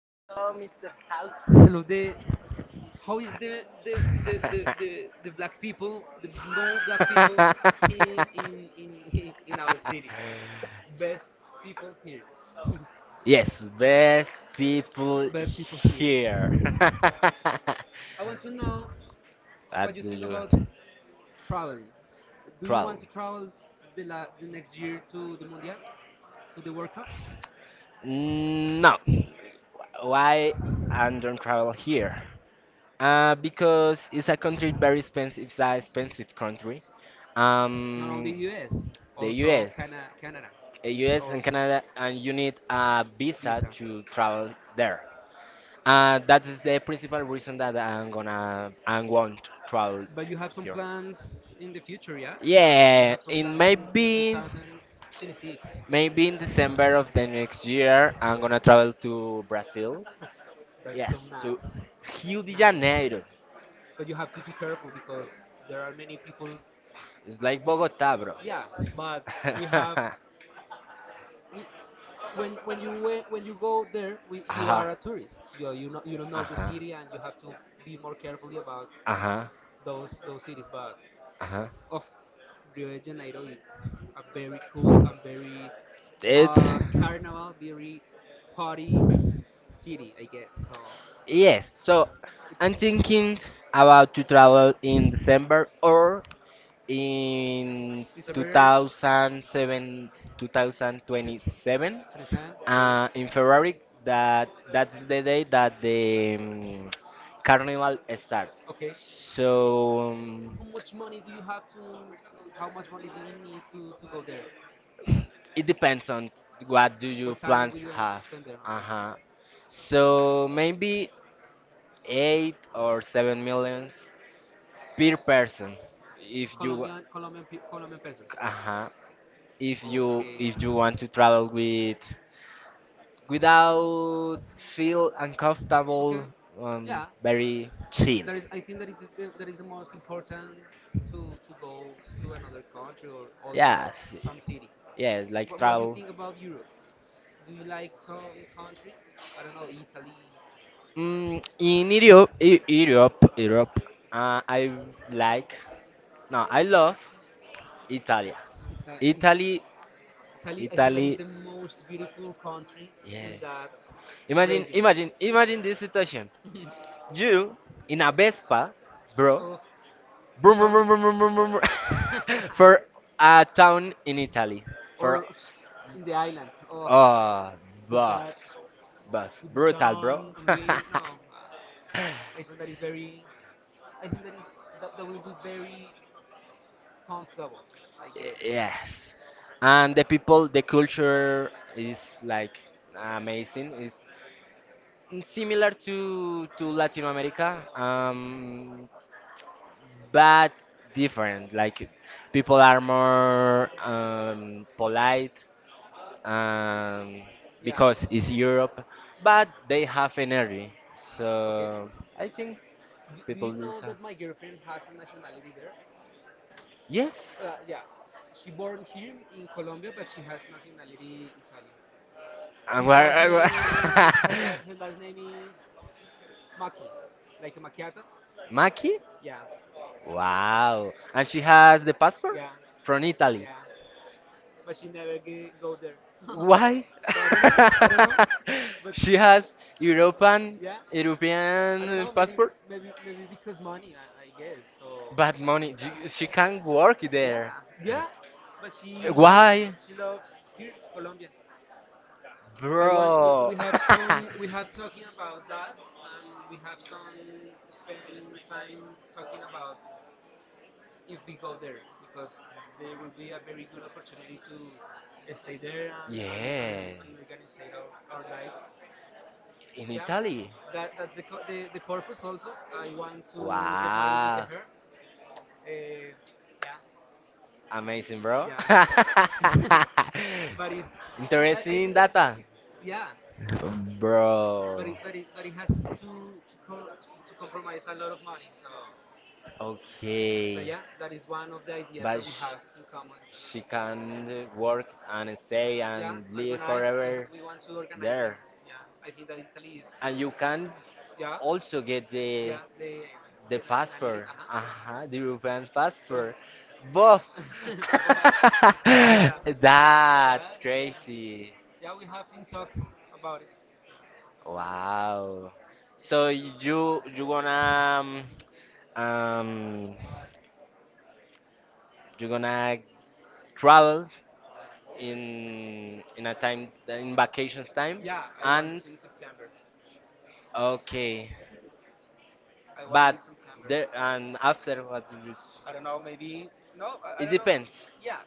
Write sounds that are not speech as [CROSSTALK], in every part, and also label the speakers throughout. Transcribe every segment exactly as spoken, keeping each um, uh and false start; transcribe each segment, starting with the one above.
Speaker 1: hello, mister House. Hello, the how is the
Speaker 2: [LAUGHS]
Speaker 1: the the the, the, the black people, the no black people in in in in our city? Best people here.
Speaker 2: Yes, best
Speaker 1: Be
Speaker 2: people
Speaker 1: Best people here.
Speaker 2: here.
Speaker 1: here.
Speaker 2: [LAUGHS]
Speaker 1: I want to know what
Speaker 2: What
Speaker 1: you
Speaker 2: do
Speaker 1: think about
Speaker 2: you
Speaker 1: traveling. Do you want
Speaker 2: travel?
Speaker 1: to travel the la the next year to the Mundial, to the World Cup? No,
Speaker 2: No.
Speaker 1: I
Speaker 2: Why
Speaker 1: don't
Speaker 2: I don't travel
Speaker 1: travel here.
Speaker 2: here? Uh, because it's a
Speaker 1: Country
Speaker 2: country very
Speaker 1: very.
Speaker 2: expensive. It's an expensive country.
Speaker 1: Not only
Speaker 2: Um,
Speaker 1: U S,
Speaker 2: the
Speaker 1: also
Speaker 2: U S,
Speaker 1: Cana- Canada
Speaker 2: uh,
Speaker 1: is
Speaker 2: U S and
Speaker 1: also
Speaker 2: Canada, and you
Speaker 1: you need
Speaker 2: need a visa
Speaker 1: visa.
Speaker 2: to travel there. Uh, that is the principal reason that I'm gonna I won't travel.
Speaker 1: But you have some plans in the future, yeah?
Speaker 2: Yeah,
Speaker 1: Some
Speaker 2: in
Speaker 1: plans in, in
Speaker 2: maybe
Speaker 1: two thousand twenty-six.
Speaker 2: maybe in December of the next year, I'm gonna travel to Brazil.
Speaker 1: That's
Speaker 2: Yes,
Speaker 1: so
Speaker 2: to
Speaker 1: nice.
Speaker 2: Rio de
Speaker 1: Yes.
Speaker 2: Janeiro.
Speaker 1: But you have to be careful because there are many people.
Speaker 2: It's like Bogota, bro.
Speaker 1: Yeah, but we have
Speaker 2: [LAUGHS]
Speaker 1: we, when when you went, when you go there, we, you
Speaker 2: Ajá,
Speaker 1: are a tourist. You you know you don't know the
Speaker 2: ajá,
Speaker 1: city, and you have to be more carefully about
Speaker 2: ajá,
Speaker 1: those those cities. But
Speaker 2: ajá.
Speaker 1: of Rio de Janeiro, it's a very cool and very
Speaker 2: It's
Speaker 1: uh, carnival, very party city, I guess. So
Speaker 2: Yes. So I'm
Speaker 1: it's
Speaker 2: thinking about to travel in December or in
Speaker 1: December
Speaker 2: two thousand seven,
Speaker 1: se- se-
Speaker 2: two thousand twenty-seven,
Speaker 1: twenty-seven.
Speaker 2: uh, in February, that that's the day that the um, carnival starts,
Speaker 1: Okay, okay.
Speaker 2: so um,
Speaker 1: How much money do you have to? How much money do you need to to go there?
Speaker 2: it
Speaker 1: It depends
Speaker 2: depends on what
Speaker 1: what
Speaker 2: do
Speaker 1: do you.
Speaker 2: your
Speaker 1: What time want would
Speaker 2: plans
Speaker 1: you to to
Speaker 2: have.
Speaker 1: spend there? Okay.
Speaker 2: Uh-huh. So maybe eight or
Speaker 1: Have
Speaker 2: seven
Speaker 1: millions
Speaker 2: millions
Speaker 1: per
Speaker 2: per person
Speaker 1: person.
Speaker 2: if you.
Speaker 1: Colombian Colombian Colombian pesos.
Speaker 2: Uh-huh.
Speaker 1: If,
Speaker 2: if you
Speaker 1: okay,
Speaker 2: if
Speaker 1: you.
Speaker 2: you want to travel with
Speaker 1: Without
Speaker 2: without
Speaker 1: feel,
Speaker 2: feel
Speaker 1: okay,
Speaker 2: uncomfortable, um,
Speaker 1: yeah,
Speaker 2: very
Speaker 1: cheap.
Speaker 2: chill.
Speaker 1: There is. I think that it is the, that is the most important to to go to another country or also
Speaker 2: Yes,
Speaker 1: some city. Yeah,
Speaker 2: yes,
Speaker 1: like,
Speaker 2: like
Speaker 1: What, what do you
Speaker 2: travel.
Speaker 1: think about Europe? Do you like some country? I don't know, Italy.
Speaker 2: Mm, in europe, E- europe europe. uh, I like, no, I love italy,
Speaker 1: Ita-
Speaker 2: italy,
Speaker 1: Italy, I think that
Speaker 2: italy.
Speaker 1: is the most beautiful country in
Speaker 2: Yes.
Speaker 1: that
Speaker 2: Imagine,
Speaker 1: region.
Speaker 2: imagine, imagine this situation:
Speaker 1: [LAUGHS]
Speaker 2: you in a vespa, bro.
Speaker 1: Oh, you
Speaker 2: Vroom,
Speaker 1: told
Speaker 2: vroom,
Speaker 1: me.
Speaker 2: vroom, vroom, vroom, vroom, vroom. [LAUGHS] For
Speaker 1: [LAUGHS]
Speaker 2: a town in Italy. For
Speaker 1: Or in the island. Oh,
Speaker 2: Oh,
Speaker 1: with
Speaker 2: buff,
Speaker 1: that,
Speaker 2: buff,
Speaker 1: with the
Speaker 2: brutal, bro.
Speaker 1: sun and wind. No, I think that is very. I think that is that, that will be very comfortable. I
Speaker 2: [LAUGHS]
Speaker 1: guess.
Speaker 2: Yes, and the people, the culture is like amazing. It's similar to to Latin America, um, but different. Like people are more um, polite, um,
Speaker 1: Yeah.
Speaker 2: because it's Europe, but they have energy. So I think
Speaker 1: Do, do
Speaker 2: people
Speaker 1: you know
Speaker 2: listen.
Speaker 1: that my girlfriend has a nationality there? Yes.
Speaker 2: Yes.
Speaker 1: Uh, yeah. She born here in Colombia, but she has nationality Italian.
Speaker 2: And
Speaker 1: His, wow,
Speaker 2: where? [LAUGHS]
Speaker 1: last
Speaker 2: and
Speaker 1: name is, [LAUGHS] her,
Speaker 2: where-
Speaker 1: la- her last name is Macchi, like a macchiato. Ma-
Speaker 2: Maki?
Speaker 1: Yeah.
Speaker 2: Wow. And she has the passport
Speaker 1: Yeah.
Speaker 2: from Italy.
Speaker 1: Yeah. But she never ge- go there. [LAUGHS] What?
Speaker 2: Why?
Speaker 1: But I don't know. I don't know.
Speaker 2: [LAUGHS]
Speaker 1: But
Speaker 2: She has
Speaker 1: European?
Speaker 2: European
Speaker 1: Yeah, European? I don't
Speaker 2: European
Speaker 1: know. Maybe
Speaker 2: passport.
Speaker 1: maybe maybe because money, I, I guess. So but
Speaker 2: But
Speaker 1: money,
Speaker 2: money, j-
Speaker 1: she- she
Speaker 2: she can't
Speaker 1: can't work
Speaker 2: work
Speaker 1: there.
Speaker 2: there.
Speaker 1: Yeah, yeah. But she lo-
Speaker 2: Why,
Speaker 1: she loves here Colombia. Bro. I want, we, we
Speaker 2: bro?
Speaker 1: have some
Speaker 2: [LAUGHS]
Speaker 1: we have talking about that, and we have some spend time talking about if we go there, because there will be a very good opportunity to stay there, and, and, and,
Speaker 2: Yeah,
Speaker 1: and organize our, our lives.
Speaker 2: in
Speaker 1: Yeah,
Speaker 2: Italy.
Speaker 1: that, that's the, the, the purpose also. I want to get married with
Speaker 2: Wow.
Speaker 1: her. Uh, yeah. Amazing,
Speaker 2: Amazing,
Speaker 1: bro.
Speaker 2: bro.
Speaker 1: Yeah.
Speaker 2: [LAUGHS]
Speaker 1: [LAUGHS] but it's, I, I
Speaker 2: Interesting
Speaker 1: think that it's,
Speaker 2: data,
Speaker 1: yeah, but
Speaker 2: bro.
Speaker 1: it, but it, but it has to, to, co- to compromise a lot of money. So but
Speaker 2: Okay.
Speaker 1: yeah, that is one of the ideas
Speaker 2: But
Speaker 1: that we
Speaker 2: sh-
Speaker 1: have in common.
Speaker 2: she
Speaker 1: She can
Speaker 2: can work
Speaker 1: work and
Speaker 2: and stay
Speaker 1: stay and, yeah,
Speaker 2: and live
Speaker 1: organize.
Speaker 2: forever
Speaker 1: We, we want to organize, yeah,
Speaker 2: there.
Speaker 1: there. Yeah, I think that Italy is.
Speaker 2: And
Speaker 1: And you
Speaker 2: you
Speaker 1: can,
Speaker 2: can
Speaker 1: yeah, also
Speaker 2: also
Speaker 1: get
Speaker 2: get
Speaker 1: the,
Speaker 2: the
Speaker 1: yeah, the,
Speaker 2: the
Speaker 1: the. The nationality.
Speaker 2: passport,
Speaker 1: Passport. Uh
Speaker 2: uh the
Speaker 1: huh.
Speaker 2: European
Speaker 1: Yeah. Of,
Speaker 2: passport. Both.
Speaker 1: both. [LAUGHS] Both. [LAUGHS]
Speaker 2: [LAUGHS]
Speaker 1: Yeah, yeah,
Speaker 2: That's
Speaker 1: yeah.
Speaker 2: crazy.
Speaker 1: Yeah. We have in talks about it. Yeah.
Speaker 2: Wow. So
Speaker 1: You.
Speaker 2: you you gonna um, um you gonna travel in in a time in vacations time,
Speaker 1: Yeah, I want
Speaker 2: and
Speaker 1: in September.
Speaker 2: okay.
Speaker 1: I want
Speaker 2: But
Speaker 1: in September.
Speaker 2: there, and after what do you?
Speaker 1: I don't know, maybe no, I, I
Speaker 2: It
Speaker 1: don't know.
Speaker 2: depends.
Speaker 1: Yeah,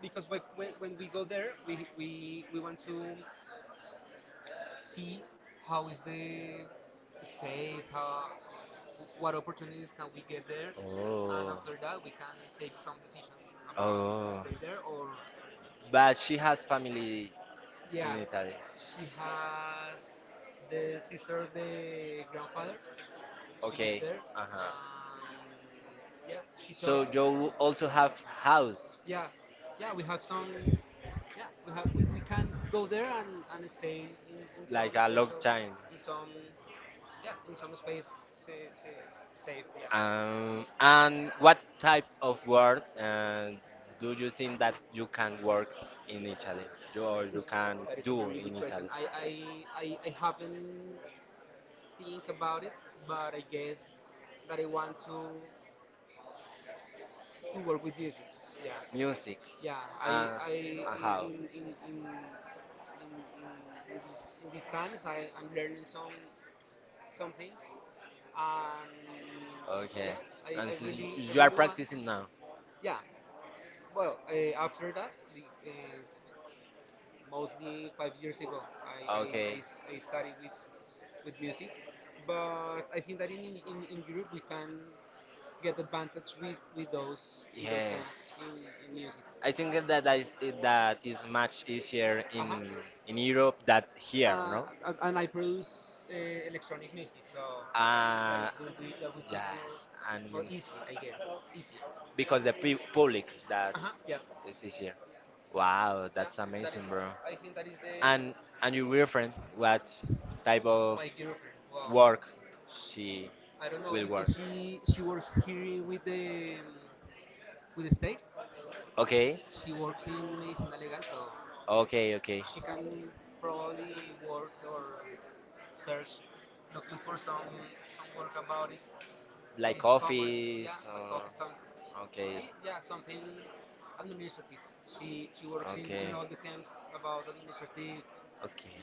Speaker 1: because when, when when we go there, we we we want to see how is the space, how what opportunities can we get there, and
Speaker 2: Oh.
Speaker 1: after that we can take some decision about
Speaker 2: Oh.
Speaker 1: stay there or.
Speaker 2: But she has family in
Speaker 1: Yeah,
Speaker 2: Italy.
Speaker 1: she has the sister of the grandfather. She lives
Speaker 2: Okay.
Speaker 1: there,
Speaker 2: Uh huh.
Speaker 1: and yeah, she. So
Speaker 2: So
Speaker 1: talks.
Speaker 2: you also have house
Speaker 1: Yeah, yeah, we have some. Yeah, we have, we, we can go there and, and stay in, in some.
Speaker 2: like
Speaker 1: Like
Speaker 2: a long
Speaker 1: special,
Speaker 2: time.
Speaker 1: in some, yeah, in some space sa- sa- safe. Yeah.
Speaker 2: Um, and what type of
Speaker 1: uh,
Speaker 2: work uh, do you think that you can work in Italy? You, or you can
Speaker 1: that is a
Speaker 2: do
Speaker 1: very
Speaker 2: in
Speaker 1: good question.
Speaker 2: Italy?
Speaker 1: I, I, I, I haven't think about it, but I guess that I want to to work with music. Yeah, music.
Speaker 2: Music.
Speaker 1: Yeah. I,
Speaker 2: Uh,
Speaker 1: I
Speaker 2: uh, how?
Speaker 1: in, in, in, in, in, in, these in these times, I, I'm learning some some things, and
Speaker 2: Okay.
Speaker 1: yeah, I,
Speaker 2: And
Speaker 1: I
Speaker 2: so y-
Speaker 1: really I
Speaker 2: you are
Speaker 1: really want.
Speaker 2: practicing now.
Speaker 1: Yeah. Well, uh, after that, the, uh, mostly five years ago. I, I,
Speaker 2: Okay.
Speaker 1: I s- I started with, with music, but I think that in, in, in Europe we can get advantage with, with those with those fans
Speaker 2: Yes.
Speaker 1: in, in music.
Speaker 2: I
Speaker 1: I
Speaker 2: think
Speaker 1: think that
Speaker 2: that
Speaker 1: that
Speaker 2: that
Speaker 1: is,
Speaker 2: is that
Speaker 1: that is
Speaker 2: is much
Speaker 1: much easier,
Speaker 2: easier in
Speaker 1: uh-huh,
Speaker 2: in
Speaker 1: in, uh-huh,
Speaker 2: Europe
Speaker 1: Europe
Speaker 2: than
Speaker 1: here.
Speaker 2: here,
Speaker 1: Uh,
Speaker 2: no?
Speaker 1: and- and I produce uh, electronic music, so uh, that
Speaker 2: Uh,
Speaker 1: is will be that will be
Speaker 2: yes,
Speaker 1: more
Speaker 2: and
Speaker 1: more easy, I guess, easier,
Speaker 2: because
Speaker 1: because the
Speaker 2: the pu
Speaker 1: pe- public.
Speaker 2: public that
Speaker 1: Uh-huh. Yeah.
Speaker 2: is easier. Wow,
Speaker 1: Yeah,
Speaker 2: that's
Speaker 1: that
Speaker 2: amazing,
Speaker 1: is.
Speaker 2: bro.
Speaker 1: I think that is the. And
Speaker 2: And and your
Speaker 1: and
Speaker 2: girlfriend,
Speaker 1: friends like
Speaker 2: what
Speaker 1: I
Speaker 2: type
Speaker 1: bought
Speaker 2: of
Speaker 1: my girlfriend. Wow. Work.
Speaker 2: work she
Speaker 1: I don't know
Speaker 2: will work?
Speaker 1: because she she works here with the um, with the state. Okay.
Speaker 2: Okay.
Speaker 1: She works in medicina legal, so
Speaker 2: Okay, okay.
Speaker 1: she can probably work or search looking for some some work about it that
Speaker 2: Like
Speaker 1: is common. Hobby.
Speaker 2: office
Speaker 1: Yeah, but
Speaker 2: or
Speaker 1: hockey some. See,
Speaker 2: okay.
Speaker 1: yeah, something administrative. She she works in
Speaker 2: Okay.
Speaker 1: in all the terms about administrative
Speaker 2: Okay.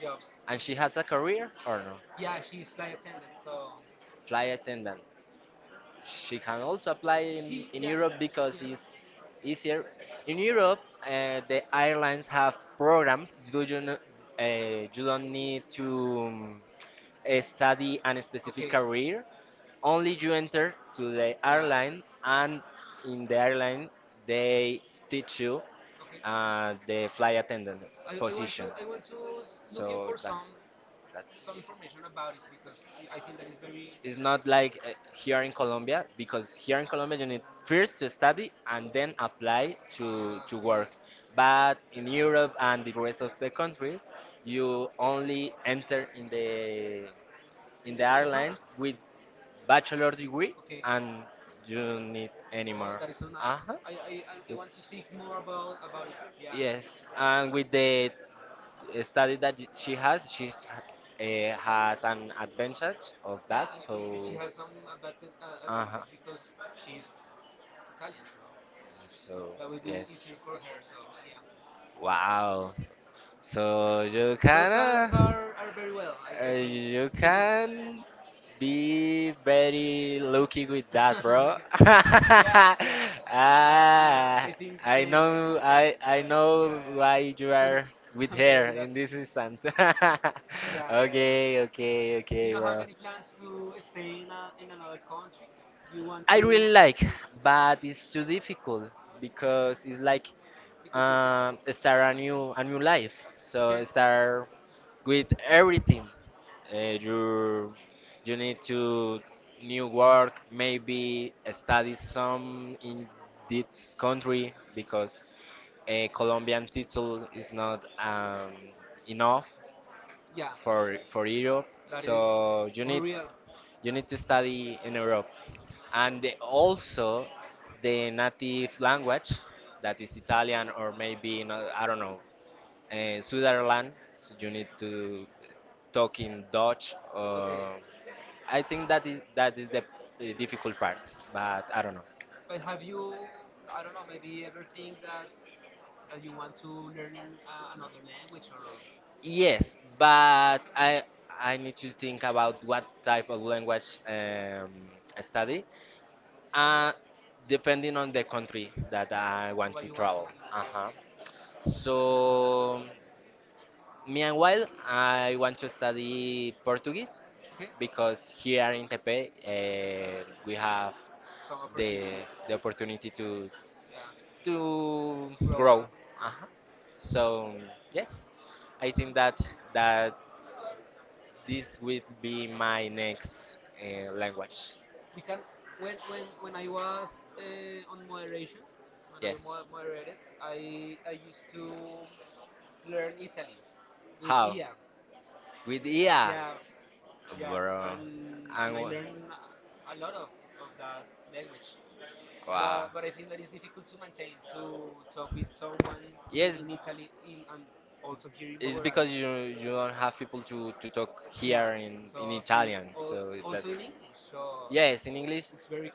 Speaker 1: jobs.
Speaker 2: And
Speaker 1: And
Speaker 2: she
Speaker 1: she has
Speaker 2: has a
Speaker 1: a career.
Speaker 2: career or no?
Speaker 1: Yeah, she's flight attendant. So
Speaker 2: Flight attendant.
Speaker 1: she
Speaker 2: She
Speaker 1: can
Speaker 2: can also
Speaker 1: also
Speaker 2: apply
Speaker 1: she
Speaker 2: in,
Speaker 1: in,
Speaker 2: in
Speaker 1: yeah,
Speaker 2: Europe
Speaker 1: Europe because,
Speaker 2: because
Speaker 1: yeah, it's
Speaker 2: it's
Speaker 1: easier
Speaker 2: easier. In
Speaker 1: in Europe.
Speaker 2: Europe, uh,
Speaker 1: And
Speaker 2: the
Speaker 1: they,
Speaker 2: airlines have programs. Do you,
Speaker 1: they
Speaker 2: kn- uh, you
Speaker 1: don't
Speaker 2: don't
Speaker 1: need
Speaker 2: need to,
Speaker 1: to, uh,
Speaker 2: um, eh,
Speaker 1: study
Speaker 2: study
Speaker 1: and
Speaker 2: and
Speaker 1: specific,
Speaker 2: specific
Speaker 1: okay, career.
Speaker 2: career, only you enter to the
Speaker 1: Yeah.
Speaker 2: airline,
Speaker 1: Airlines.
Speaker 2: and in the
Speaker 1: And
Speaker 2: airline
Speaker 1: they
Speaker 2: they teach
Speaker 1: teach you,
Speaker 2: you
Speaker 1: okay,
Speaker 2: uh,
Speaker 1: the
Speaker 2: the flight
Speaker 1: flight attendant.
Speaker 2: attendant
Speaker 1: I, I want to,
Speaker 2: position.
Speaker 1: I want to s- looking
Speaker 2: So
Speaker 1: for
Speaker 2: that,
Speaker 1: some
Speaker 2: that's
Speaker 1: some information about it because I think that is very.
Speaker 2: it's not like uh, here in
Speaker 1: Here
Speaker 2: Colombia, because here
Speaker 1: because,
Speaker 2: in Colombia you need first to study
Speaker 1: and
Speaker 2: and
Speaker 1: then
Speaker 2: then
Speaker 1: apply,
Speaker 2: apply to
Speaker 1: ah,
Speaker 2: to
Speaker 1: okay, work.
Speaker 2: work.
Speaker 1: But
Speaker 2: But
Speaker 1: in
Speaker 2: in Europe
Speaker 1: Europe
Speaker 2: and the
Speaker 1: and the rest
Speaker 2: rest
Speaker 1: of
Speaker 2: of the
Speaker 1: the
Speaker 2: countries,
Speaker 1: countries, you
Speaker 2: you
Speaker 1: only
Speaker 2: only
Speaker 1: enter
Speaker 2: enter in
Speaker 1: in the,
Speaker 2: the
Speaker 1: In
Speaker 2: in
Speaker 1: the-
Speaker 2: the
Speaker 1: in the
Speaker 2: airline
Speaker 1: program. With,
Speaker 2: with bachelor degree,
Speaker 1: okay, and.
Speaker 2: and you don't need
Speaker 1: Oh,
Speaker 2: anymore?
Speaker 1: that is so
Speaker 2: More.
Speaker 1: nice.
Speaker 2: Uh-huh.
Speaker 1: I, I, I want to
Speaker 2: It's-
Speaker 1: seek more about about it. Yeah. Yes,
Speaker 2: Yes, and
Speaker 1: and
Speaker 2: with
Speaker 1: with the
Speaker 2: the study that y- she
Speaker 1: she has,
Speaker 2: has, she
Speaker 1: she's.
Speaker 2: uh, has
Speaker 1: uh,
Speaker 2: an advantage of
Speaker 1: Yeah,
Speaker 2: that.
Speaker 1: and,
Speaker 2: So,
Speaker 1: and and she has some advantage, uh,
Speaker 2: uh huh.
Speaker 1: advantage because she's Italian, so
Speaker 2: So
Speaker 1: that will be
Speaker 2: yes.
Speaker 1: easier for her. So, yeah,
Speaker 2: Wow. So you
Speaker 1: those
Speaker 2: can
Speaker 1: plans are, are very well, I,
Speaker 2: uh,
Speaker 1: I think.
Speaker 2: you
Speaker 1: [LAUGHS]
Speaker 2: can be very lucky with that, bro. [LAUGHS]
Speaker 1: Yeah, yeah. Uh,
Speaker 2: Ah,
Speaker 1: I think the
Speaker 2: I
Speaker 1: same. I think
Speaker 2: know
Speaker 1: the same.
Speaker 2: I I
Speaker 1: Uh, yeah,
Speaker 2: know
Speaker 1: yeah,
Speaker 2: why you are
Speaker 1: yeah. [LAUGHS]
Speaker 2: with
Speaker 1: I'm
Speaker 2: her
Speaker 1: very
Speaker 2: in
Speaker 1: lucky.
Speaker 2: this instance. [LAUGHS]
Speaker 1: Yeah, yeah,
Speaker 2: Okay,
Speaker 1: yeah.
Speaker 2: okay,
Speaker 1: You
Speaker 2: okay,
Speaker 1: don't have
Speaker 2: bro.
Speaker 1: any plans to stay in, a, in another country? You want
Speaker 2: I
Speaker 1: to?
Speaker 2: really like, but it's too difficult because it's like
Speaker 1: Because you're right.
Speaker 2: um start a new a new life.
Speaker 1: Okay.
Speaker 2: So start with everything. Uh, you you need to new work, maybe study some in this country because a Colombian title is not um, enough
Speaker 1: Yeah,
Speaker 2: for for Europe.
Speaker 1: that is
Speaker 2: So you
Speaker 1: for
Speaker 2: need
Speaker 1: real.
Speaker 2: you need to study in Europe, and the-
Speaker 1: Also,
Speaker 2: also the native
Speaker 1: if,
Speaker 2: language that is Italian, or maybe not, I don't know, uh, Switzerland, so you need to talk in Dutch.
Speaker 1: okay.
Speaker 2: Uh, I think that is that is the, the difficult part, but I don't know.
Speaker 1: But have you, I don't know, maybe ever think that that you want to learn in, uh, another language or?
Speaker 2: Yes, but I I need to think about what type of language um, I study, uh, depending on the country that I
Speaker 1: Or
Speaker 2: want
Speaker 1: what
Speaker 2: to
Speaker 1: you want to?
Speaker 2: travel. Uh-huh. So
Speaker 1: Okay,
Speaker 2: meanwhile,
Speaker 1: okay.
Speaker 2: I want to study Portuguese,
Speaker 1: Okay.
Speaker 2: because here in Tepe uh, we have
Speaker 1: Some
Speaker 2: the
Speaker 1: opportunities.
Speaker 2: the opportunity to
Speaker 1: Yeah.
Speaker 2: to
Speaker 1: Grow. Grow
Speaker 2: grow.
Speaker 1: up. Uh-huh.
Speaker 2: Uh-huh. So yes, I think that that this will be my next uh, language.
Speaker 1: We can. When when when I was, uh, on moderation, when I
Speaker 2: Yes.
Speaker 1: mo- moderated, I I used to learn Italian with, ah,
Speaker 2: How?
Speaker 1: Ia. With
Speaker 2: With
Speaker 1: Ia. Yeah.
Speaker 2: I A,
Speaker 1: Yeah,
Speaker 2: bro.
Speaker 1: and and
Speaker 2: And
Speaker 1: I
Speaker 2: wha-
Speaker 1: learned a lot of, of that language, but but I think that it's difficult to maintain to talk with someone in,
Speaker 2: yes,
Speaker 1: in Italy, in, and also here in Bogota.
Speaker 2: because you you don't have people to, to talk
Speaker 1: Yeah,
Speaker 2: here in,
Speaker 1: so here
Speaker 2: Italian,
Speaker 1: all, also in English, so
Speaker 2: yes, in English.
Speaker 1: it's very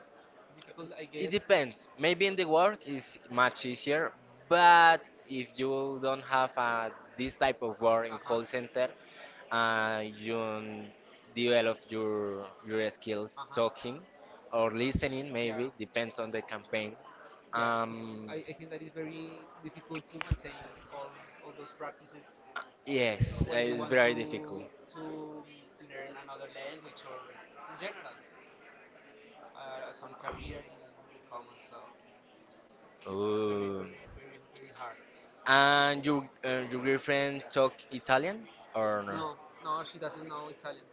Speaker 1: difficult, I
Speaker 2: It
Speaker 1: guess.
Speaker 2: depends. Maybe in the work is much easier, but if you don't have uh, this type of work in call
Speaker 1: Uh
Speaker 2: center, uh, you
Speaker 1: huh.
Speaker 2: develop your your skills
Speaker 1: Uh-huh.
Speaker 2: talking or listening.
Speaker 1: Yeah.
Speaker 2: Maybe depends on the campaign.
Speaker 1: Yeah. Oof.
Speaker 2: Um,
Speaker 1: I, I think that is very difficult to maintain all, all those practices
Speaker 2: yes, uh,
Speaker 1: when you
Speaker 2: it's
Speaker 1: want to
Speaker 2: very difficult.
Speaker 1: to learn another language or in general uh, some career in, in common. So it's very
Speaker 2: Ooh.
Speaker 1: very very very hard.
Speaker 2: And your uh, your girlfriend talk Italian or no?
Speaker 1: No, no, she doesn't know Italian.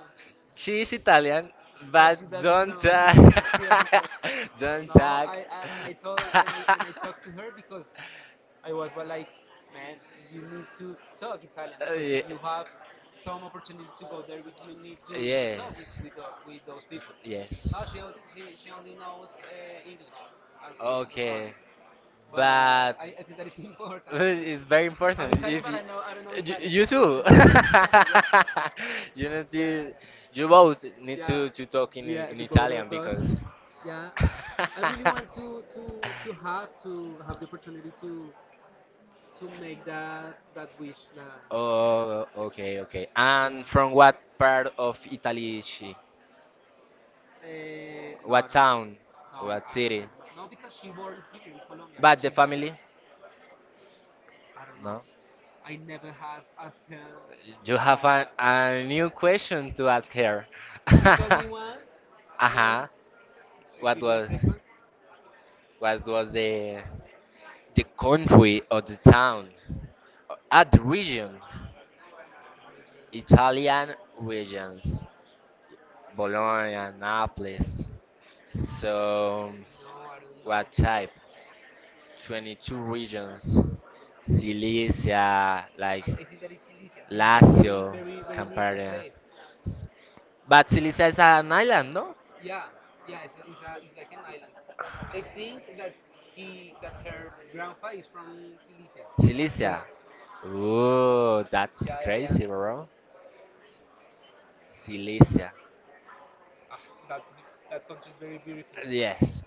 Speaker 1: [LAUGHS]
Speaker 2: She Italian,
Speaker 1: but but
Speaker 2: but
Speaker 1: she doesn't don't
Speaker 2: don't
Speaker 1: know.
Speaker 2: tag,
Speaker 1: Try. [LAUGHS] She doesn't talk.
Speaker 2: [LAUGHS]
Speaker 1: [LAUGHS] Don't.
Speaker 2: don't
Speaker 1: No,
Speaker 2: tag.
Speaker 1: try. I, I, and I
Speaker 2: [LAUGHS]
Speaker 1: told, and I, and I talked to her because I was, well, like, man, you need to talk Italian because if,
Speaker 2: Ye-
Speaker 1: yeah, you have some opportunity to go there, with- you need to, yeah, to talk with
Speaker 2: Yes.
Speaker 1: with, tho- with those people.
Speaker 2: Yes.
Speaker 1: No, she also she, she only knows, uh, English as as, as okay, us,
Speaker 2: Okay,
Speaker 1: but
Speaker 2: but
Speaker 1: I, I think that is, [LAUGHS] important.
Speaker 2: it's very
Speaker 1: I'm
Speaker 2: important.
Speaker 1: Italian,
Speaker 2: If
Speaker 1: but
Speaker 2: you,
Speaker 1: I know I don't know
Speaker 2: you,
Speaker 1: Italian. You.
Speaker 2: you too,
Speaker 1: [LAUGHS] Yeah,
Speaker 2: [LAUGHS] you need
Speaker 1: yeah,
Speaker 2: to, you both need
Speaker 1: yeah.
Speaker 2: to, to talk in
Speaker 1: Yeah,
Speaker 2: in
Speaker 1: the both
Speaker 2: Italian,
Speaker 1: of us.
Speaker 2: because.
Speaker 1: Yeah, I, I really want
Speaker 2: [LAUGHS]
Speaker 1: to, to to have to have the opportunity to to make that that wish. That,
Speaker 2: Oh, okay, okay.
Speaker 1: yeah.
Speaker 2: And from what part of Italy is she?
Speaker 1: Uh, no, I
Speaker 2: What
Speaker 1: don't.
Speaker 2: town?
Speaker 1: No,
Speaker 2: What
Speaker 1: I, I
Speaker 2: city?
Speaker 1: don't know. No, because she born here in Colombia, but
Speaker 2: But the family?
Speaker 1: I don't know.
Speaker 2: No.
Speaker 1: I never has asked her
Speaker 2: You
Speaker 1: that.
Speaker 2: have a,
Speaker 1: That.
Speaker 2: a new question to ask her. [LAUGHS]
Speaker 1: He told
Speaker 2: Uh-huh.
Speaker 1: me one once. Uh,
Speaker 2: What
Speaker 1: Give me a
Speaker 2: was
Speaker 1: second.
Speaker 2: what was the The country or the town, at the region, Italian regions, Bologna, Naples. So,
Speaker 1: No, I don't know.
Speaker 2: what type? twenty-two regions, Silesia, like
Speaker 1: I, I think that is Silesia. Silesia is very,
Speaker 2: Lazio,
Speaker 1: very, very beautiful
Speaker 2: Campania.
Speaker 1: place.
Speaker 2: S- But Silesia is an island, no?
Speaker 1: Yeah, yeah, it's, it's, a, it's like an island. I think that he, that her grandpa is from Silesia. Yeah,
Speaker 2: Silesia. Ooh, that's
Speaker 1: yeah, yeah, yeah.
Speaker 2: crazy, bro. Silesia.
Speaker 1: Ah, that that country is very beautiful.
Speaker 2: Yes.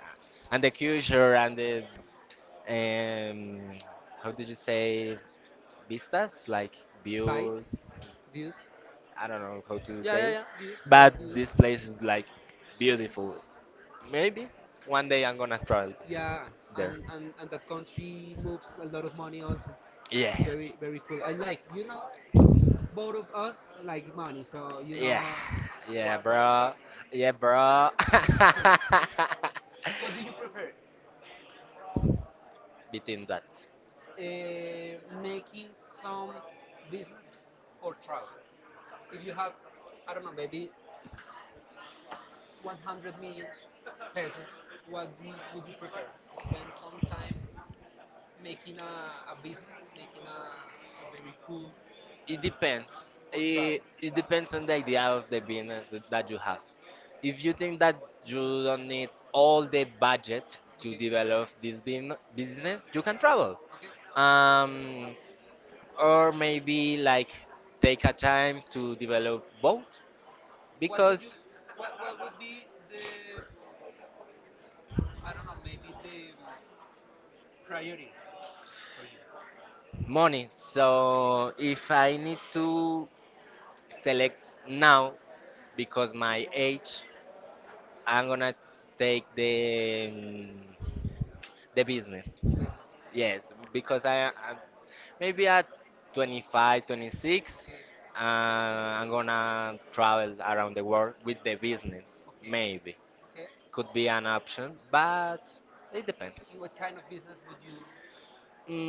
Speaker 1: And
Speaker 2: And
Speaker 1: the
Speaker 2: the
Speaker 1: huge.
Speaker 2: culture and the um how did you say, vistas, like views,
Speaker 1: Sites, views.
Speaker 2: I don't know how to
Speaker 1: Yeah,
Speaker 2: say
Speaker 1: yeah,
Speaker 2: it,
Speaker 1: yeah. Views, all
Speaker 2: but
Speaker 1: views.
Speaker 2: this place is like beautiful. Maybe one day I'm gonna travel
Speaker 1: Yeah,
Speaker 2: there.
Speaker 1: and, and and that country moves a lot of money also. It's very
Speaker 2: Yes,
Speaker 1: very cool. I like you know, both of us like money, so you
Speaker 2: yeah,
Speaker 1: know
Speaker 2: yeah,
Speaker 1: what what I'm
Speaker 2: bro,
Speaker 1: talking.
Speaker 2: yeah, bro. [LAUGHS]
Speaker 1: What do you prefer?
Speaker 2: Between that.
Speaker 1: Uh, making some businesses or travel. If you have, I don't know, maybe one hundred million pesos, what do you, would you prefer? Spend some time making a, a business, making a, a very cool. It
Speaker 2: It
Speaker 1: depends.
Speaker 2: depends.
Speaker 1: Or it, travel.
Speaker 2: It,
Speaker 1: It
Speaker 2: it
Speaker 1: depends
Speaker 2: depends
Speaker 1: on
Speaker 2: on the
Speaker 1: the
Speaker 2: idea of the
Speaker 1: environment
Speaker 2: business th-
Speaker 1: that
Speaker 2: that you
Speaker 1: you have.
Speaker 2: have.
Speaker 1: If
Speaker 2: If you think that you don't need
Speaker 1: all,
Speaker 2: all the
Speaker 1: okay,
Speaker 2: budget to
Speaker 1: develop
Speaker 2: develop this bin-
Speaker 1: business,
Speaker 2: business, you can travel.
Speaker 1: okay, um,
Speaker 2: Um, or
Speaker 1: or maybe
Speaker 2: maybe
Speaker 1: like
Speaker 2: like
Speaker 1: they,
Speaker 2: take a time to develop both
Speaker 1: what would you
Speaker 2: because
Speaker 1: what, what would be the, I don't know, maybe the priority morning.
Speaker 2: money.
Speaker 1: So
Speaker 2: So if
Speaker 1: need
Speaker 2: I need
Speaker 1: to
Speaker 2: to
Speaker 1: select
Speaker 2: select
Speaker 1: now
Speaker 2: now because my
Speaker 1: the age
Speaker 2: age, I'm gonna
Speaker 1: and take
Speaker 2: take
Speaker 1: the
Speaker 2: the mm, the business.
Speaker 1: business. Yes,
Speaker 2: Yes,
Speaker 1: because
Speaker 2: because I, I maybe
Speaker 1: maybe
Speaker 2: at twenty-five,
Speaker 1: twenty-six,
Speaker 2: twenty-six,
Speaker 1: okay,
Speaker 2: uh, I'm gonna
Speaker 1: around
Speaker 2: travel around the
Speaker 1: the
Speaker 2: world
Speaker 1: world with
Speaker 2: with the
Speaker 1: the business.
Speaker 2: business.
Speaker 1: Okay.
Speaker 2: Maybe
Speaker 1: Make okay.
Speaker 2: could be an option, but it depends.
Speaker 1: What kind of business would you,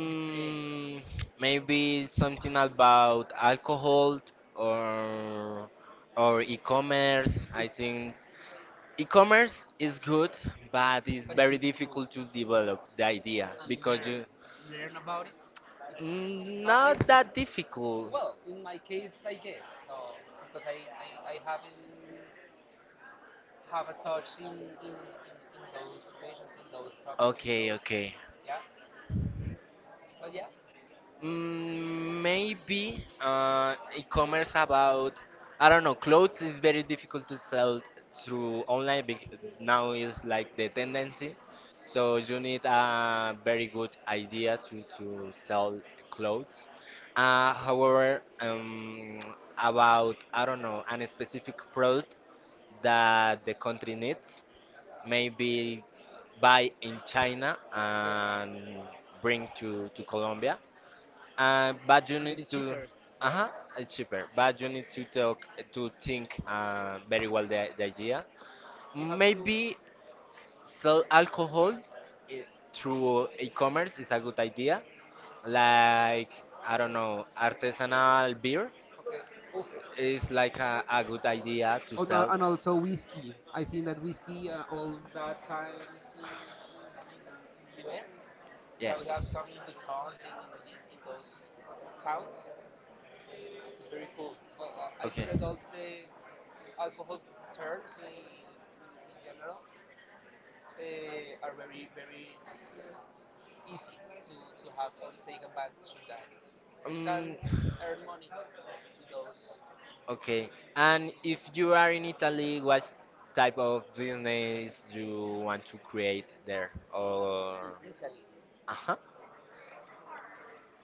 Speaker 1: would you create? Maybe.
Speaker 2: Maybe something about alcohol or or e-commerce. I
Speaker 1: Oof.
Speaker 2: think
Speaker 1: E-commerce
Speaker 2: e-commerce
Speaker 1: is
Speaker 2: is
Speaker 1: good,
Speaker 2: good,
Speaker 1: but
Speaker 2: but
Speaker 1: it's
Speaker 2: it's
Speaker 1: But it's
Speaker 2: very
Speaker 1: very difficult. difficult
Speaker 2: difficult to
Speaker 1: to develop
Speaker 2: develop the
Speaker 1: the idea
Speaker 2: idea
Speaker 1: and because
Speaker 2: because
Speaker 1: learn,
Speaker 2: you.
Speaker 1: learn about it. It's
Speaker 2: Mm,
Speaker 1: I, I
Speaker 2: Not
Speaker 1: that
Speaker 2: that difficult.
Speaker 1: Well, in my case, I guess so because I, I, I haven't have a touch in, in, in, in those situations, in those topics in, okay,
Speaker 2: Okay,
Speaker 1: those,
Speaker 2: okay.
Speaker 1: okay, yeah, oh yeah.
Speaker 2: Mm,
Speaker 1: Mm,
Speaker 2: maybe
Speaker 1: Maybe
Speaker 2: uh,
Speaker 1: uh, e-commerce
Speaker 2: e-commerce
Speaker 1: about,
Speaker 2: about, I
Speaker 1: I
Speaker 2: don't
Speaker 1: don't
Speaker 2: know,
Speaker 1: know, clothes
Speaker 2: clothes
Speaker 1: could
Speaker 2: is very
Speaker 1: be
Speaker 2: difficult to
Speaker 1: to
Speaker 2: sell through
Speaker 1: online
Speaker 2: online,
Speaker 1: because
Speaker 2: bec-
Speaker 1: now
Speaker 2: now is
Speaker 1: is like
Speaker 2: like
Speaker 1: the
Speaker 2: the
Speaker 1: tendency.
Speaker 2: tendency,
Speaker 1: So
Speaker 2: so you need a very
Speaker 1: very good
Speaker 2: good
Speaker 1: idea
Speaker 2: idea to,
Speaker 1: to
Speaker 2: to
Speaker 1: sell
Speaker 2: sell
Speaker 1: clothes.
Speaker 2: clothes, uh,
Speaker 1: And however,
Speaker 2: however, um,
Speaker 1: have a
Speaker 2: about, I don't know, an
Speaker 1: specific
Speaker 2: specific
Speaker 1: product
Speaker 2: product that the
Speaker 1: that
Speaker 2: country
Speaker 1: it needs,
Speaker 2: needs.
Speaker 1: maybe
Speaker 2: Maybe
Speaker 1: buy
Speaker 2: buy
Speaker 1: in
Speaker 2: in
Speaker 1: China,
Speaker 2: China
Speaker 1: okay,
Speaker 2: and
Speaker 1: bring to
Speaker 2: bring to, to
Speaker 1: Colombia.
Speaker 2: Colombia, uh, but you
Speaker 1: And it
Speaker 2: need
Speaker 1: is
Speaker 2: to.
Speaker 1: cheaper,
Speaker 2: Uh
Speaker 1: right?
Speaker 2: huh, it's cheaper. But
Speaker 1: It's
Speaker 2: you
Speaker 1: cheaper.
Speaker 2: need to
Speaker 1: It's cheaper.
Speaker 2: talk to
Speaker 1: It's cheaper.
Speaker 2: think uh, very
Speaker 1: Very well
Speaker 2: well the, the
Speaker 1: idea.
Speaker 2: idea.
Speaker 1: You have maybe to
Speaker 2: Maybe sell
Speaker 1: sell alcohol
Speaker 2: alcohol i- through
Speaker 1: through e-commerce,
Speaker 2: e-commerce
Speaker 1: is
Speaker 2: is
Speaker 1: a
Speaker 2: a good
Speaker 1: good idea.
Speaker 2: idea.
Speaker 1: Like, I
Speaker 2: Like, I
Speaker 1: don't
Speaker 2: don't know,
Speaker 1: know, artisan,
Speaker 2: artisanal beer
Speaker 1: okay. Oof.
Speaker 2: is like a, a good idea to
Speaker 1: And, al- and
Speaker 2: sell.
Speaker 1: also whiskey. I think that whiskey, uh, all that times in, in, in the U S, that we
Speaker 2: Yes.
Speaker 1: have some in Wisconsin, in, in, in those towns, it's very cool. Uh, uh, I
Speaker 2: Okay.
Speaker 1: think that all the alcohol terms in, in general uh, are very, very easy to, to have and take advantage of that. We can
Speaker 2: Um,
Speaker 1: earn money in those.
Speaker 2: okay. And if
Speaker 1: You
Speaker 2: you are
Speaker 1: are.
Speaker 2: in Italy,
Speaker 1: What
Speaker 2: what
Speaker 1: type
Speaker 2: type
Speaker 1: of
Speaker 2: of
Speaker 1: movements
Speaker 2: business you want to
Speaker 1: create
Speaker 2: create
Speaker 1: there?
Speaker 2: there? Or
Speaker 1: In Italy.
Speaker 2: uh-huh.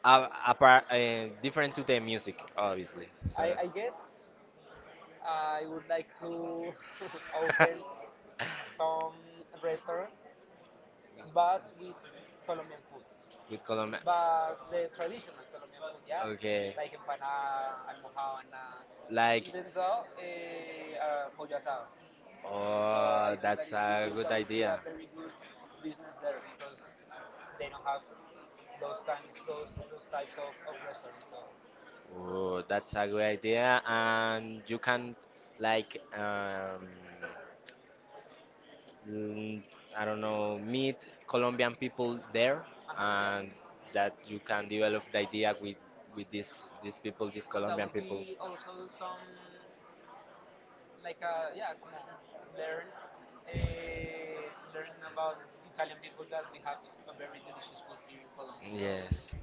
Speaker 2: Uh,
Speaker 1: Uh,
Speaker 2: apart, uh,
Speaker 1: Different
Speaker 2: different
Speaker 1: to
Speaker 2: to
Speaker 1: the
Speaker 2: the music,
Speaker 1: music,
Speaker 2: obviously. So.
Speaker 1: I, I guess I would like to [LAUGHS] open
Speaker 2: [LAUGHS]
Speaker 1: some restaurant, but with Colombian food.
Speaker 2: With Colombia.
Speaker 1: But the traditional Colombian food, yeah,
Speaker 2: Okay.
Speaker 1: like empanada, almohadana, like,
Speaker 2: Like,
Speaker 1: even though eh, uh, pollo asado. So I
Speaker 2: oh,
Speaker 1: think that
Speaker 2: that's
Speaker 1: is
Speaker 2: a
Speaker 1: good,
Speaker 2: good
Speaker 1: that would be
Speaker 2: idea.
Speaker 1: a very good business there because they don't have those times, those those types of, of restaurants. So
Speaker 2: Oh, that's a good idea. And you can like, um,
Speaker 1: Uh,
Speaker 2: mm, I don't know,
Speaker 1: meet
Speaker 2: meet
Speaker 1: Colombian
Speaker 2: Colombian people
Speaker 1: people there.
Speaker 2: there,
Speaker 1: Uh-huh, yeah,
Speaker 2: and that you can develop the idea with with these these people, these
Speaker 1: and that
Speaker 2: Colombian
Speaker 1: would
Speaker 2: people.
Speaker 1: be also some like uh, yeah, como learn, uh, learn about Italian people, that we have a very delicious food here in Colombia. So
Speaker 2: Yes.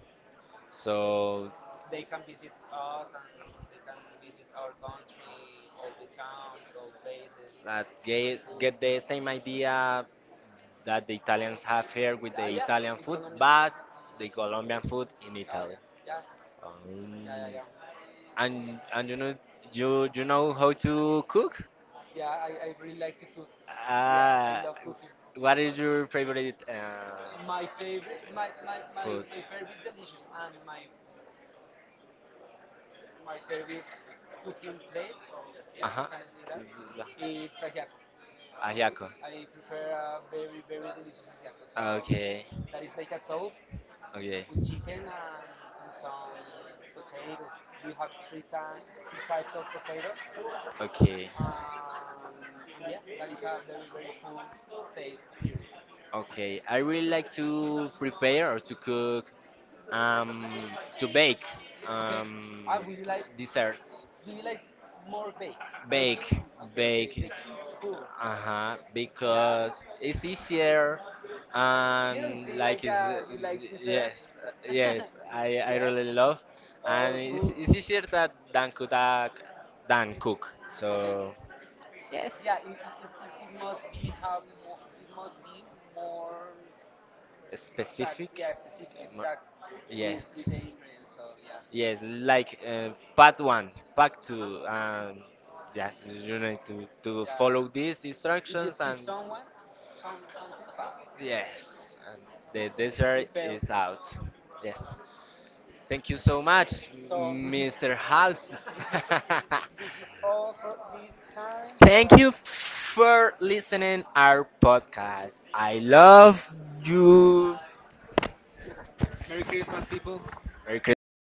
Speaker 1: so,
Speaker 2: So
Speaker 1: they can visit us and they can visit our country, all the towns, all places,
Speaker 2: that
Speaker 1: get, and
Speaker 2: get
Speaker 1: food, get
Speaker 2: get
Speaker 1: the
Speaker 2: the
Speaker 1: same
Speaker 2: same
Speaker 1: idea
Speaker 2: idea that the
Speaker 1: Italians
Speaker 2: Italians have
Speaker 1: have here
Speaker 2: here
Speaker 1: with,
Speaker 2: with
Speaker 1: Uh,
Speaker 2: the
Speaker 1: the yeah, Italian
Speaker 2: Italian
Speaker 1: in food,
Speaker 2: food,
Speaker 1: Colombia.
Speaker 2: but the Colombian
Speaker 1: But,
Speaker 2: food in
Speaker 1: example. Oh
Speaker 2: Italy.
Speaker 1: yeah, yeah,
Speaker 2: Um,
Speaker 1: yeah, yeah, yeah. and,
Speaker 2: and
Speaker 1: and
Speaker 2: and you know
Speaker 1: you,
Speaker 2: you you know how to cook?
Speaker 1: yeah, I, I really like to cook. Yeah, I
Speaker 2: Uh,
Speaker 1: uh, love cooking.
Speaker 2: what
Speaker 1: What is
Speaker 2: is your favorite uh,
Speaker 1: my favorite, my, my, my,
Speaker 2: food?
Speaker 1: my favorite delicious and my my favorite cooking plate, yeah,
Speaker 2: Ajá.
Speaker 1: I can say that.
Speaker 2: Yeah.
Speaker 1: It's ajiaco. Yeah.
Speaker 2: Ajiaco.
Speaker 1: I prepare a very very delicious ajiaco. So
Speaker 2: Ah, okay,
Speaker 1: that is like a soup
Speaker 2: okay,
Speaker 1: with chicken and, and some potatoes. We have three types three types of potato.
Speaker 2: okay,
Speaker 1: Um, and yeah, that is a very very cool plate here.
Speaker 2: okay. I
Speaker 1: I
Speaker 2: really
Speaker 1: really like
Speaker 2: like
Speaker 1: to
Speaker 2: to
Speaker 1: prepare
Speaker 2: prepare or to cook, um,
Speaker 1: to
Speaker 2: to
Speaker 1: bake.
Speaker 2: bake,
Speaker 1: Okay.
Speaker 2: um,
Speaker 1: I would you like dessert.
Speaker 2: desserts.
Speaker 1: Do you like more bake? Bake. Baking?
Speaker 2: Bake,
Speaker 1: Okay, bake, okay.
Speaker 2: bake.
Speaker 1: Baking is cool.
Speaker 2: Uh-huh,
Speaker 1: Because yeah.
Speaker 2: because
Speaker 1: It's
Speaker 2: it's
Speaker 1: easier.
Speaker 2: easier
Speaker 1: Um, You don't
Speaker 2: and
Speaker 1: see
Speaker 2: like
Speaker 1: like
Speaker 2: it's,
Speaker 1: uh you like desserts?
Speaker 2: yes, uh,
Speaker 1: Yes.
Speaker 2: yes, I,
Speaker 1: [LAUGHS]
Speaker 2: I
Speaker 1: Yeah.
Speaker 2: really love, and
Speaker 1: Oh,
Speaker 2: it's,
Speaker 1: cool.
Speaker 2: it's easier that than cook than cook.
Speaker 1: Okay.
Speaker 2: So yes,
Speaker 1: Yeah, it, it, it, it must be have more, it must be more exact.
Speaker 2: specific.
Speaker 1: Yeah, specific,
Speaker 2: mo-
Speaker 1: exact with
Speaker 2: Yes,
Speaker 1: with the ingredients. So yeah.
Speaker 2: yes, like uh,
Speaker 1: But.
Speaker 2: part one, part two.
Speaker 1: Uh-huh.
Speaker 2: Um, yes, you need to, to
Speaker 1: Yeah.
Speaker 2: follow these
Speaker 1: If you
Speaker 2: instructions,
Speaker 1: skip
Speaker 2: and
Speaker 1: someone, some something, but
Speaker 2: yes, and the
Speaker 1: you
Speaker 2: dessert
Speaker 1: fail.
Speaker 2: is out. Yes.
Speaker 1: Thank
Speaker 2: Thank you
Speaker 1: you so
Speaker 2: so
Speaker 1: much.
Speaker 2: much,
Speaker 1: So this is,
Speaker 2: Mister
Speaker 1: this is,
Speaker 2: House. [LAUGHS]
Speaker 1: this is all for this time.
Speaker 2: Thank
Speaker 1: So
Speaker 2: you for listening our podcast. I love you.
Speaker 1: Merry Christmas, people.
Speaker 2: Merry Christmas, Merry